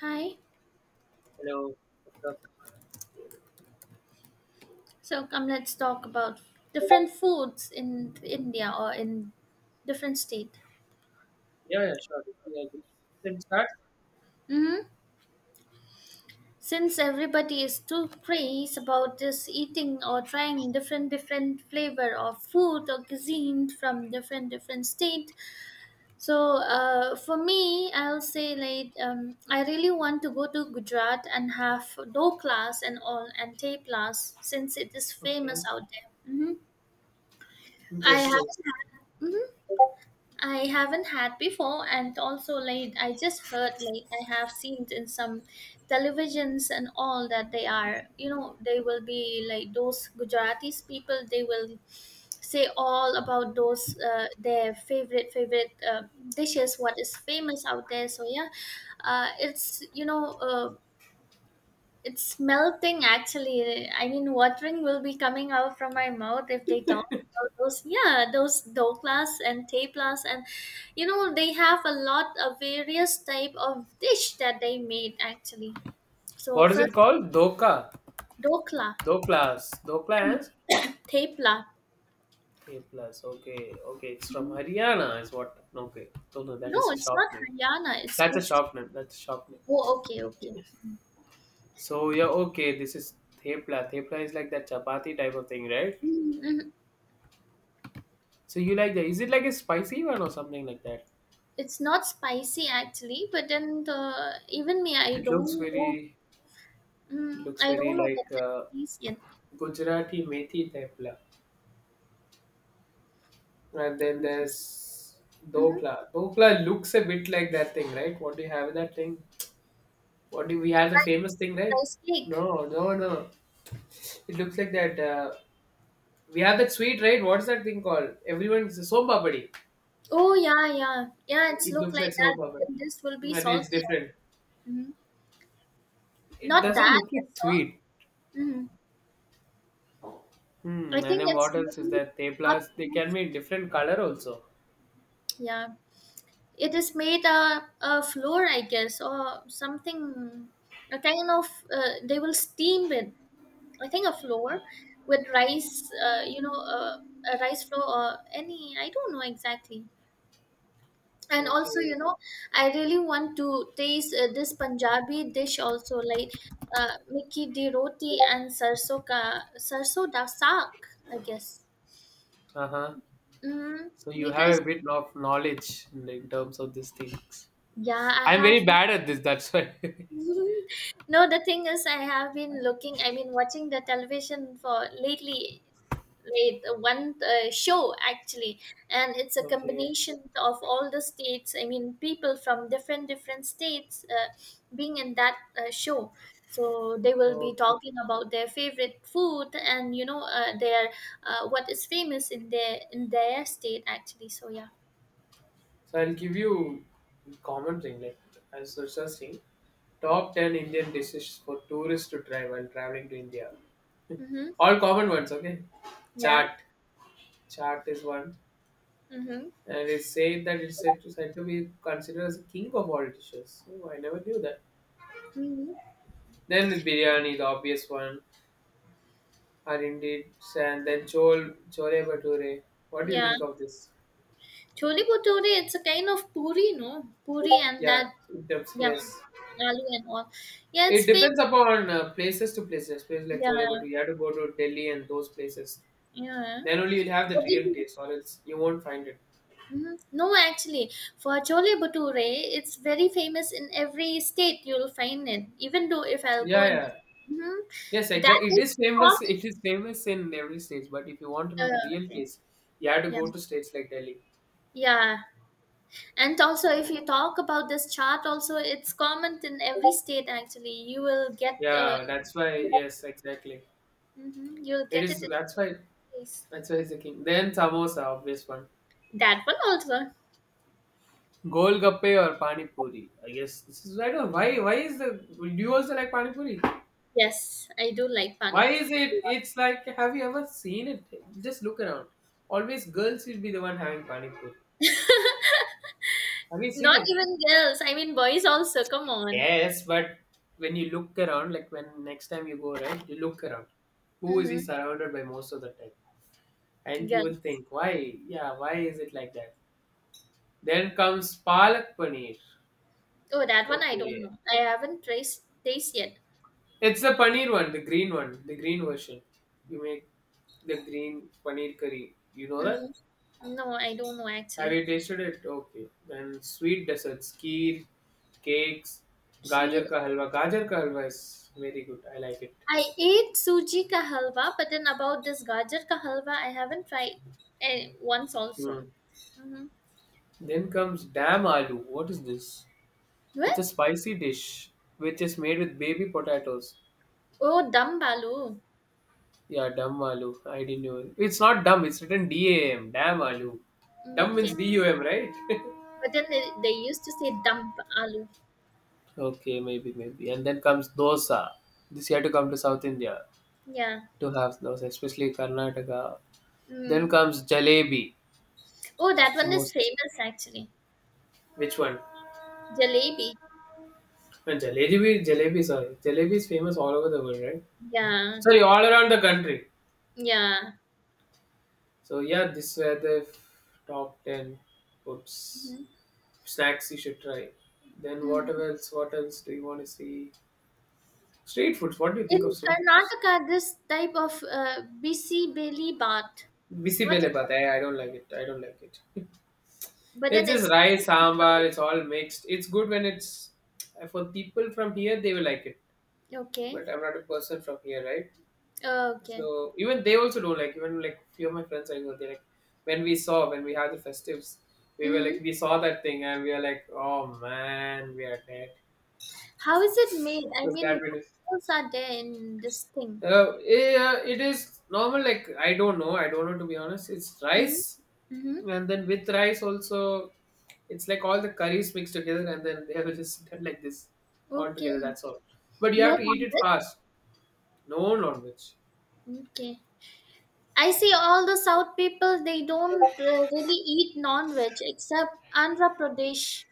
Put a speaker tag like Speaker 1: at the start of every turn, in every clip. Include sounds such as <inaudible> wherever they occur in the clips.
Speaker 1: Hi.
Speaker 2: Hello, what's up?
Speaker 1: So come let's talk about different foods in India or in different state.
Speaker 2: Yeah, sure. Yeah, just can start.
Speaker 1: hmm Since everybody is too crazy about this eating or trying different flavor of food or cuisine from different state. So for me, I'll say I really want to go to Gujarat and have doklas and all and teplas since it is famous
Speaker 2: Okay,
Speaker 1: out there. I have
Speaker 2: interesting.
Speaker 1: hmm I haven't had before, and also like I just heard like I have seen in some televisions and all that they are, they will be like those Gujaratis people. They will say all about those their favorite dishes, what is famous out there. So yeah, it's it's melting actually. I mean, watering will be coming out from my mouth if they talk about those. Yeah, those doklas and teplas, and they have a lot of various type of dish that they made actually. So
Speaker 2: What is it
Speaker 1: first
Speaker 2: called? Doka.
Speaker 1: dokla,
Speaker 2: Doklas.
Speaker 1: tepla.
Speaker 2: A plus. Okay. It's from Haryana, is what. Okay. No, that
Speaker 1: No,
Speaker 2: is a
Speaker 1: it's
Speaker 2: shop
Speaker 1: not
Speaker 2: name.
Speaker 1: Haryana. It's
Speaker 2: That's a
Speaker 1: Gujarat.
Speaker 2: shop name. That's a shop name.
Speaker 1: Oh, okay, okay.
Speaker 2: Yes. So yeah, okay. This is thepla. Thepla is like that chapati type of thing, right?
Speaker 1: Mm-hmm.
Speaker 2: So you like that? Is it like a spicy one or something like that?
Speaker 1: It's not spicy actually, but then even me, I
Speaker 2: It looks
Speaker 1: don't know.
Speaker 2: very. It looks
Speaker 1: I
Speaker 2: very
Speaker 1: don't know the
Speaker 2: like
Speaker 1: taste yet.
Speaker 2: Gujarati methi thepla. And then
Speaker 1: Mm-hmm.
Speaker 2: there's
Speaker 1: Mm-hmm.
Speaker 2: Dokla. Dokla looks a bit like that thing, right? What do you have in that thing? What do we have the famous thing, right?
Speaker 1: Rice cake.
Speaker 2: No. It looks like that. We have that sweet, right? What's that thing called? Everyone's soap papadi.
Speaker 1: Oh yeah, yeah, yeah. It's
Speaker 2: It
Speaker 1: look
Speaker 2: looks
Speaker 1: like
Speaker 2: like soap
Speaker 1: that. But
Speaker 2: papadi,
Speaker 1: then this will be
Speaker 2: but it's
Speaker 1: salty.
Speaker 2: different.
Speaker 1: hmm
Speaker 2: It
Speaker 1: Not
Speaker 2: doesn't
Speaker 1: that
Speaker 2: look
Speaker 1: much
Speaker 2: like
Speaker 1: salt.
Speaker 2: sweet.
Speaker 1: hmm I
Speaker 2: Hmm. And
Speaker 1: think
Speaker 2: then
Speaker 1: it's
Speaker 2: what else is
Speaker 1: made
Speaker 2: that?
Speaker 1: up.
Speaker 2: Teplas. They can
Speaker 1: Of,
Speaker 2: be different color also.
Speaker 1: yeah, it is made a flour, I guess, or something. A kind of they will steam it. I think a flour with rice. A rice flour or any. I don't know exactly. And also
Speaker 2: Okay.
Speaker 1: I really want to taste this Punjabi dish also like Mickey di roti and sarso da saag, I guess.
Speaker 2: Uh huh.
Speaker 1: mm,
Speaker 2: So you have
Speaker 1: because
Speaker 2: a bit of knowledge in terms of these things.
Speaker 1: yeah, I
Speaker 2: I'm
Speaker 1: have.
Speaker 2: very bad at this. That's why. <laughs>
Speaker 1: <laughs> No, the thing is I have been looking I mean watching the television for lately, right? One show actually, and it's a
Speaker 2: Okay,
Speaker 1: combination of all the states. I mean people from different states being in that show. So they will be
Speaker 2: okay.
Speaker 1: talking about their favorite food and their what is famous in their state actually. So yeah.
Speaker 2: So I'll give you common thing like as the first thing. Top 10 Indian dishes for tourists to try while traveling to India.
Speaker 1: Mm-hmm.
Speaker 2: <laughs> All common ones, okay?
Speaker 1: Yeah.
Speaker 2: Chaat, chaat is one,
Speaker 1: Mm-hmm.
Speaker 2: and it's said to be considered as a king of all dishes. Oh, I never knew that.
Speaker 1: Mm-hmm.
Speaker 2: Then is biryani, the obvious one, or indeed, and then chole bhature. What do you
Speaker 1: Yeah,
Speaker 2: think of this?
Speaker 1: chole bhature, it's a kind of puri, no? Puri and
Speaker 2: Yeah,
Speaker 1: that.
Speaker 2: in terms,
Speaker 1: Yeah,
Speaker 2: yes.
Speaker 1: aloo and all. Yeah,
Speaker 2: It
Speaker 1: it's
Speaker 2: depends
Speaker 1: famous.
Speaker 2: upon places to places, places like Chole, but
Speaker 1: Yeah,
Speaker 2: you have to go to Delhi and those places.
Speaker 1: yeah.
Speaker 2: Then only you'll have the
Speaker 1: What did
Speaker 2: real
Speaker 1: you-
Speaker 2: taste, or else you won't find it.
Speaker 1: Mhm. No, actually, for Chole Bhature, it's very famous in every state. You'll find it, even though if I'll go
Speaker 2: Yeah,
Speaker 1: and
Speaker 2: yeah.
Speaker 1: mhm,
Speaker 2: Yes,
Speaker 1: that
Speaker 2: exactly. It
Speaker 1: is
Speaker 2: is famous.
Speaker 1: called.
Speaker 2: <laughs> It is famous in every state, but if you want to know the real
Speaker 1: Okay.
Speaker 2: taste, you have to
Speaker 1: Yeah,
Speaker 2: go to states like Delhi.
Speaker 1: yeah, and also if you talk about this chart, also it's common in every state. Actually, you will get
Speaker 2: Yeah, that's why. Yes, exactly.
Speaker 1: mhm, you'll
Speaker 2: It
Speaker 1: get it
Speaker 2: is.
Speaker 1: in
Speaker 2: That's
Speaker 1: every
Speaker 2: why.
Speaker 1: place.
Speaker 2: That's why it's the king. Then samosa, obvious one.
Speaker 1: That one also.
Speaker 2: Golgappe or pani puri. I guess this is. I don't. Why? Why is the? Do you also like pani puri?
Speaker 1: Yes, I do like pani
Speaker 2: Why is
Speaker 1: puri.
Speaker 2: it? It's like, have you ever seen it? Just look around. Always girls will be the one having pani puri.
Speaker 1: <laughs>
Speaker 2: Have you seen
Speaker 1: Not
Speaker 2: it?
Speaker 1: even girls. I mean, boys also. Come on.
Speaker 2: Yes, but when you look around, like when next time you go, right, you look around. Who is he
Speaker 1: Mhm.
Speaker 2: surrounded by most of the time? And you will
Speaker 1: Gun.
Speaker 2: think, why? Yeah, why is it like that? Then comes palak paneer.
Speaker 1: Oh, that one I don't
Speaker 2: Okay,
Speaker 1: know. I haven't traced taste yet.
Speaker 2: it's the paneer one, the green version. You make the green paneer curry. You know that?
Speaker 1: Mm, no, I don't know
Speaker 2: Have
Speaker 1: actually.
Speaker 2: you tasted it? Okay. Then sweet desserts, kheer, cakes,
Speaker 1: Kheer.
Speaker 2: gajar ka halwa. Gajar ka halwa is very good. I like it.
Speaker 1: I ate suji ka halwa, but then about this gajar ka halwa, I haven't tried once also.
Speaker 2: Hmm.
Speaker 1: Mm-hmm.
Speaker 2: Then comes dam aloo. What is this? It's
Speaker 1: What?
Speaker 2: a spicy dish which is made with baby potatoes.
Speaker 1: Oh, dumb aloo.
Speaker 2: Yeah, dam aloo. I didn't know. It's not dum. It's written D-A-M. Dam aloo.
Speaker 1: Mm,
Speaker 2: Dum means
Speaker 1: okay.
Speaker 2: D-U-M, right?
Speaker 1: But then they used to say dumb aloo.
Speaker 2: <laughs> okay, maybe. And then comes dosa. This you have to come to South India
Speaker 1: Yeah.
Speaker 2: to have dosa, especially Karnataka. Then
Speaker 1: Mm.
Speaker 2: comes jalebi.
Speaker 1: Oh, that
Speaker 2: It's the
Speaker 1: one is
Speaker 2: most
Speaker 1: famous actually.
Speaker 2: which one?
Speaker 1: Jalebi.
Speaker 2: And jalebi, sorry. Jalebi is famous all over the world, right?
Speaker 1: Yeah.
Speaker 2: Sorry, all around the country.
Speaker 1: Yeah.
Speaker 2: So yeah, this were the top 10 foods,
Speaker 1: Mm-hmm.
Speaker 2: snacks you should try. Then what
Speaker 1: Mm.
Speaker 2: else? What else do you want to see? Street foods. What do you think of
Speaker 1: In
Speaker 2: street foods?
Speaker 1: Karnataka, this type of bisi beli baat. What is
Speaker 2: Bisibele but
Speaker 1: that?
Speaker 2: I don't like it. <laughs>
Speaker 1: But then
Speaker 2: It's just
Speaker 1: it's.
Speaker 2: rice, sambar. It's all mixed. It's good when it's for people from here. They will like it,
Speaker 1: <laughs> Okay.
Speaker 2: but I'm not a person from here, right?
Speaker 1: Oh, okay.
Speaker 2: So even they also do like even like few of my friends I go they like when we saw when we had the festives we were
Speaker 1: hmm
Speaker 2: like we saw that thing and we are like oh man we are dead
Speaker 1: How is it made? I
Speaker 2: because
Speaker 1: mean,
Speaker 2: that
Speaker 1: what
Speaker 2: really
Speaker 1: else are there in this thing?
Speaker 2: yeah it is normal like I don't know to be honest it's
Speaker 1: Mm-hmm.
Speaker 2: rice
Speaker 1: Mm-hmm.
Speaker 2: and then with rice also it's like all the curries mixed together and then they have <laughs> just done like this all
Speaker 1: Okay.
Speaker 2: together that's all but you
Speaker 1: No
Speaker 2: have to eat it
Speaker 1: non-veg.
Speaker 2: fast no non-veg.
Speaker 1: Okay. I see all the South people, they don't really eat non-veg except Andhra Pradesh.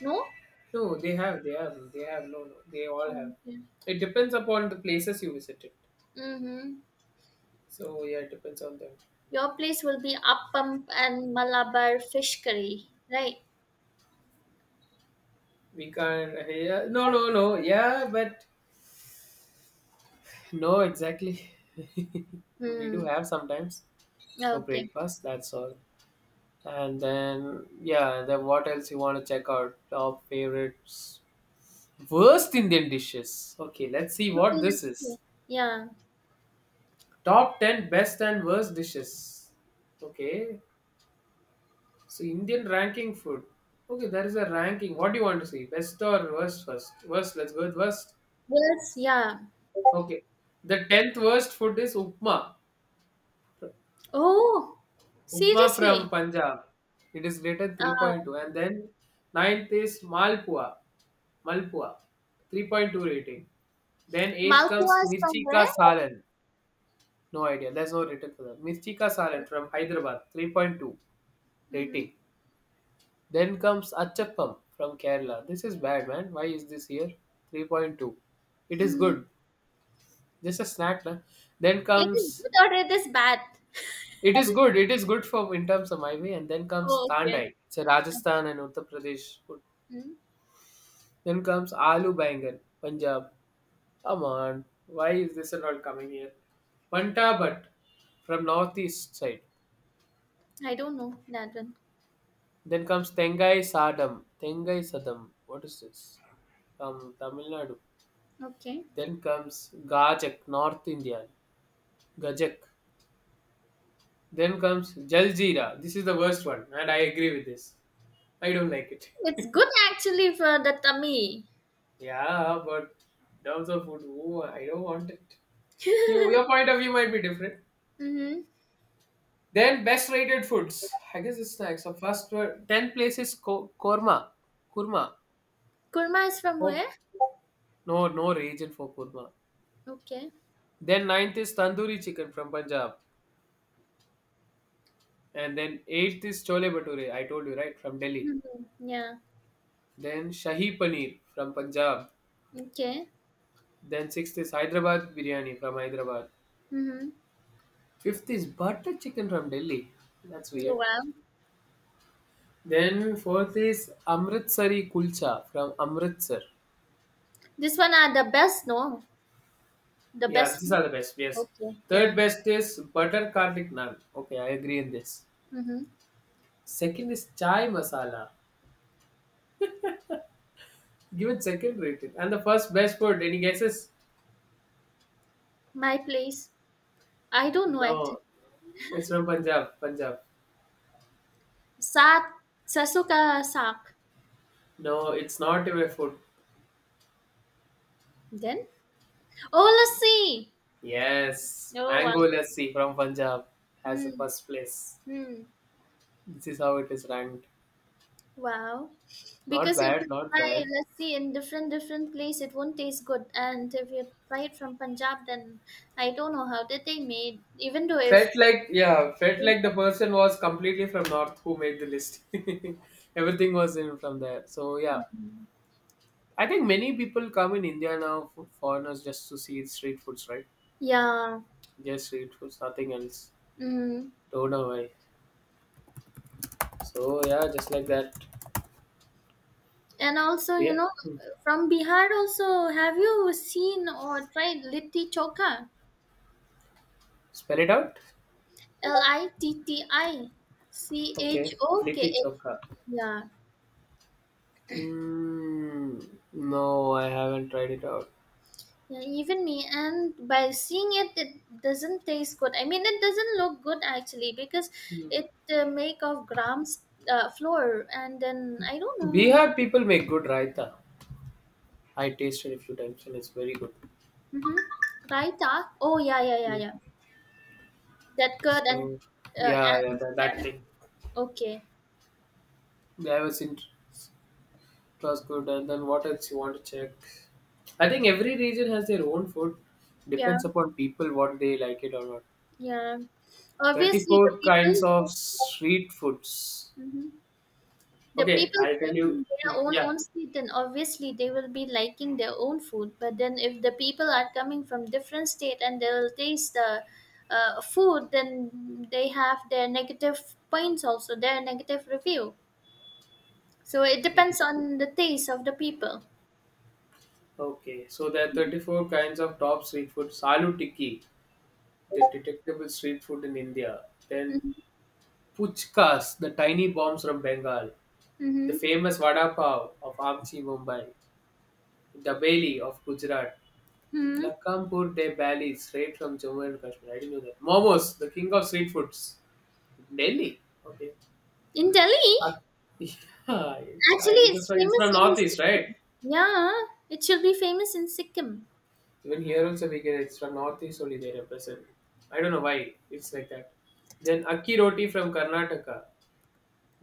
Speaker 1: No?
Speaker 2: No, they have. No, they all have.
Speaker 1: Okay.
Speaker 2: It depends upon the places you visited.
Speaker 1: Mm-hmm.
Speaker 2: So yeah, it depends on them.
Speaker 1: Your place will be appam and Malabar fish curry, right?
Speaker 2: We can't. Yeah, no. Yeah, but no, exactly. <laughs> we do
Speaker 1: Hmm.
Speaker 2: have sometimes for
Speaker 1: Okay.
Speaker 2: breakfast. That's all. And then yeah, then what else you want to check out? Top favorites, worst Indian dishes. Okay, let's see
Speaker 1: Okay,
Speaker 2: what this
Speaker 1: let's
Speaker 2: is.
Speaker 1: see. Yeah.
Speaker 2: Top 10 best and worst dishes. Okay, so Indian ranking food. Okay, there is a ranking. What do you want to see? Best or worst first? Worst, let's go with worst.
Speaker 1: Yes, yeah.
Speaker 2: Okay. The tenth worst food is Upma.
Speaker 1: Oh,
Speaker 2: Upma from
Speaker 1: seriously?
Speaker 2: Punjab. It is rated
Speaker 1: Ah,
Speaker 2: 3.2.
Speaker 1: okay.
Speaker 2: And then ninth is Malpua. Malpua. 3.2 rating. Then eighth comes
Speaker 1: Malpua is from
Speaker 2: Mirchi Ka
Speaker 1: where?
Speaker 2: Salan. No idea. There's no rating for that. Mirchi Ka Salan from Hyderabad. 3.2
Speaker 1: Mm-hmm.
Speaker 2: rating. Then comes Achappam from Kerala. This is bad, man. Why is this here? 3.2. It is
Speaker 1: Hmm.
Speaker 2: good. Just a snack. Na? Then
Speaker 1: It is
Speaker 2: comes.
Speaker 1: good or it is bad?
Speaker 2: It is
Speaker 1: <laughs>
Speaker 2: good. It is good for in terms of my way. And then comes
Speaker 1: Oh, okay.
Speaker 2: Tandai. It's a Rajasthan and Uttar Pradesh food.
Speaker 1: Hmm.
Speaker 2: Then comes Aloo Bangan, Punjab. Come on. Why is this and all coming here? Pantabat from northeast side.
Speaker 1: I don't know that one.
Speaker 2: Then comes Tengai Sadam. What is this? From Tamil Nadu.
Speaker 1: Okay.
Speaker 2: Then comes Gajak, North Indian. Gajak. Then comes Jaljeera. This is the worst one, and I agree with this. I don't like
Speaker 1: It's
Speaker 2: it.
Speaker 1: good actually for the tummy.
Speaker 2: <laughs> yeah, but in terms of food, oh, I don't want it.
Speaker 1: <laughs>
Speaker 2: You,
Speaker 1: Mm-hmm.
Speaker 2: your point of view might be different. Then best rated foods. I guess it's snacks. So first were- ten places korma, kurma.
Speaker 1: Kurma is from
Speaker 2: Oh,
Speaker 1: where?
Speaker 2: no, no region for kurma.
Speaker 1: Okay.
Speaker 2: Then ninth is tandoori chicken from Punjab, and then eighth is chole bhature. I told you right from Delhi.
Speaker 1: Mhm. Yeah.
Speaker 2: Then Shahi Paneer from Punjab.
Speaker 1: Okay.
Speaker 2: Then sixth is Hyderabad Biryani from Hyderabad.
Speaker 1: Mm-hmm.
Speaker 2: Fifth is butter chicken from Delhi. That's weird.
Speaker 1: Well,
Speaker 2: Then fourth is Amritsari Kulcha from Amritsar.
Speaker 1: this one are the best, no? The
Speaker 2: Yeah,
Speaker 1: best
Speaker 2: these
Speaker 1: food?
Speaker 2: are the best. Yes.
Speaker 1: Okay.
Speaker 2: Third
Speaker 1: Yeah.
Speaker 2: best is butter garlic naan. Okay, I agree in this.
Speaker 1: Mm-hmm.
Speaker 2: Second is chai masala. Given second rated. And the first best food. Any guesses?
Speaker 1: My place. I don't know it.
Speaker 2: No, it's from Punjab.
Speaker 1: Saat sasuka sak.
Speaker 2: No, it's not a food.
Speaker 1: Then oh, lassi.
Speaker 2: Yes,
Speaker 1: Oh wow.
Speaker 2: mango lassi from Punjab has the
Speaker 1: Hmm.
Speaker 2: first place.
Speaker 1: Hmm.
Speaker 2: This is how it is ranked.
Speaker 1: Wow.
Speaker 2: Not
Speaker 1: Because if
Speaker 2: bad,
Speaker 1: you
Speaker 2: not
Speaker 1: try
Speaker 2: bad.
Speaker 1: lassi in different place, it won't taste good. And if you try it from Punjab, then I don't know how did they made. Even though if.
Speaker 2: Felt like yeah, felt like the person was completely from north who made the list. <laughs> Everything was in from there. So yeah,
Speaker 1: Yeah.
Speaker 2: I think many people come in India now, for foreigners just to see street foods, right?
Speaker 1: Yeah.
Speaker 2: Just street foods, nothing else.
Speaker 1: Mm.
Speaker 2: Don't know why. So yeah, just like that. So
Speaker 1: And also, you
Speaker 2: yeah,
Speaker 1: know,
Speaker 2: hmm.
Speaker 1: from Bihar also, have you seen or tried Litti Choka?
Speaker 2: Spell it out.
Speaker 1: Litti
Speaker 2: Okay, litti
Speaker 1: Chokh.
Speaker 2: chokha.
Speaker 1: Yeah.
Speaker 2: Hmm. No, I haven't tried it out.
Speaker 1: Yeah, even me. And by seeing it, it doesn't taste good. I mean, it doesn't look good actually because
Speaker 2: Hmm.
Speaker 1: it make of grams flour and then I don't know.
Speaker 2: Bihar people make good raita. I tasted a few times and it's very good.
Speaker 1: Mm-hmm. Raita. Oh yeah, yeah, yeah,
Speaker 2: Hmm.
Speaker 1: yeah. That curd and
Speaker 2: So,
Speaker 1: uh,
Speaker 2: yeah, yeah,
Speaker 1: and
Speaker 2: that thing.
Speaker 1: okay.
Speaker 2: Yeah, I was in, it was good. And then what else you want to check? I think every region has their own food.
Speaker 1: Yeah.
Speaker 2: Depends upon people what they like it or not.
Speaker 1: Yeah, obviously the
Speaker 2: 34 kinds
Speaker 1: people,
Speaker 2: of street foods.
Speaker 1: mhm, the
Speaker 2: Okay,
Speaker 1: people
Speaker 2: I'll tell
Speaker 1: staying
Speaker 2: you.
Speaker 1: in their
Speaker 2: Hmm,
Speaker 1: own street, then obviously they will be liking their own food. But then if the people are coming from different state and they will taste the food, then they have their negative points also, their negative review. So it
Speaker 2: yeah.
Speaker 1: depends on the taste of the people.
Speaker 2: Okay, so there are 34 kinds of top street food. Salu Tikki, the detectable street food in India. Then
Speaker 1: Mm-hmm.
Speaker 2: Puchkas, the tiny bombs from Bengal. The
Speaker 1: Mm-hmm.
Speaker 2: famous Vada Pav of Amchi, Mumbai. Dabeli of Gujarat.
Speaker 1: hmm
Speaker 2: Lakhampur de Bali, straight from Jammu and Kashmir. I didn't know that. Momos, the king of street foods. Delhi. Okay.
Speaker 1: In
Speaker 2: Uh,
Speaker 1: Delhi,
Speaker 2: <laughs> yeah,
Speaker 1: actually,
Speaker 2: that's
Speaker 1: it's
Speaker 2: why it's
Speaker 1: famous
Speaker 2: from
Speaker 1: in
Speaker 2: Northeast, right?
Speaker 1: Sikkim. Yeah, it should be famous in Sikkim.
Speaker 2: Even here also we get it's from northeast only they represent. I don't know why it's like that. Then Akki Roti from Karnataka,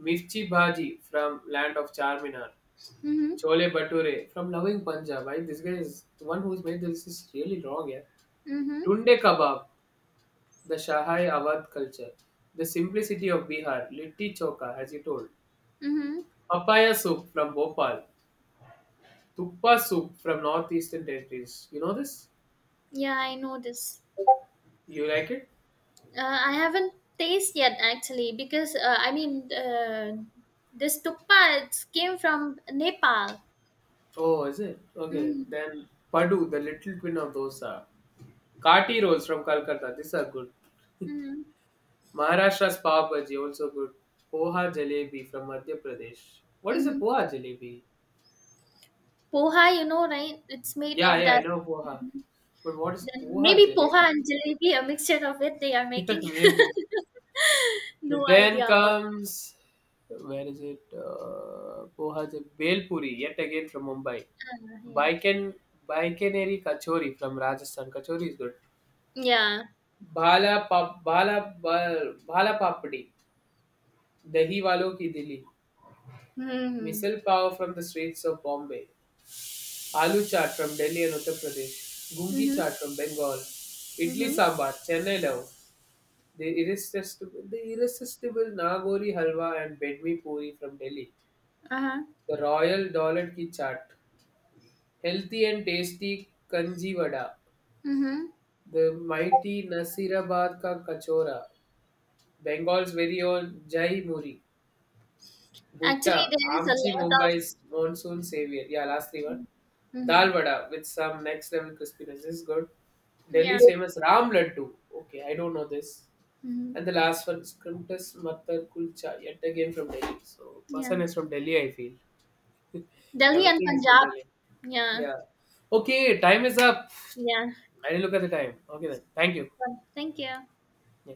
Speaker 2: Mirchi Bhaji from land of Charminar,
Speaker 1: Mm-hmm.
Speaker 2: Chole Bature from loving Punjab. This guy is the one who's made this is really wrong, yeah.
Speaker 1: Mm-hmm.
Speaker 2: Tunde Kabab, the Shahai Awadh culture, the simplicity of Bihar, Litti Choka, as you told,
Speaker 1: Mm-hmm.
Speaker 2: Papaya soup from Bhopal, Tuppa soup from northeastern territories. You know this?
Speaker 1: Yeah, I know this.
Speaker 2: You like it?
Speaker 1: I haven't tasted yet actually because this tukpa it came from Nepal.
Speaker 2: Oh, is it? Okay.
Speaker 1: Mm-hmm.
Speaker 2: Then Padu, the little twin of dosa. Kati rolls from Kolkata. These are good.
Speaker 1: Mm-hmm.
Speaker 2: Maharashtra's pav bhaji also good. Poha jalebi from Madhya Pradesh. What is a
Speaker 1: Mm-hmm.
Speaker 2: poha jalebi?
Speaker 1: Poha, you know, right? It's made
Speaker 2: Yeah,
Speaker 1: of
Speaker 2: yeah, I
Speaker 1: that.
Speaker 2: know poha. But what is
Speaker 1: Then
Speaker 2: poha
Speaker 1: maybe poha
Speaker 2: jalebi? <laughs>
Speaker 1: and jalebi, a mixture of it they are
Speaker 2: Yeah,
Speaker 1: making.
Speaker 2: maybe.
Speaker 1: <laughs>
Speaker 2: But
Speaker 1: No
Speaker 2: then
Speaker 1: idea about that.
Speaker 2: comes where is it? Poha jalebi. Bel puri yet again from Mumbai.
Speaker 1: Yeah.
Speaker 2: Baiken Baikeneri kachori from Rajasthan. Kachori is good.
Speaker 1: Yeah.
Speaker 2: भाला पा भाला बा भाला पापड़ी, दही वालों की दिली,
Speaker 1: Mm-hmm.
Speaker 2: Misal pav from the streets of Bombay, aloo chaat from Delhi and Uttar Pradesh, gungi
Speaker 1: Mm-hmm.
Speaker 2: chaat from Bengal, idli
Speaker 1: Mm-hmm.
Speaker 2: sambar, Chennai love, the irresistible nagori halwa and bedmi puri from Delhi,
Speaker 1: Uh-huh.
Speaker 2: the royal dollard ki chaat, healthy and tasty kanji vada,
Speaker 1: Mm-hmm.
Speaker 2: the mighty Nasirabad ka kachora, Bengal's very own jai muri, Butta,
Speaker 1: Actually, there is a
Speaker 2: Amchi,
Speaker 1: lot of.
Speaker 2: Mumbai's monsoon savior. Yeah, last three one.
Speaker 1: Mm-hmm.
Speaker 2: Dal vada with some next level crispiness. This is good.
Speaker 1: Yeah.
Speaker 2: Delhi's famous Ram Laddu. Okay, I don't know this. And the
Speaker 1: Mm-hmm.
Speaker 2: last one, Scrimptus Matar Kulcha. Yet again from Delhi. So
Speaker 1: Yeah.
Speaker 2: person is from Delhi, I feel.
Speaker 1: Delhi and
Speaker 2: Everything is from
Speaker 1: Punjab.
Speaker 2: Delhi.
Speaker 1: Yeah.
Speaker 2: Yeah. Okay, time is up.
Speaker 1: Yeah.
Speaker 2: I didn't look at the time. Okay then. Thank you.
Speaker 1: Well, thank you.
Speaker 2: Yeah.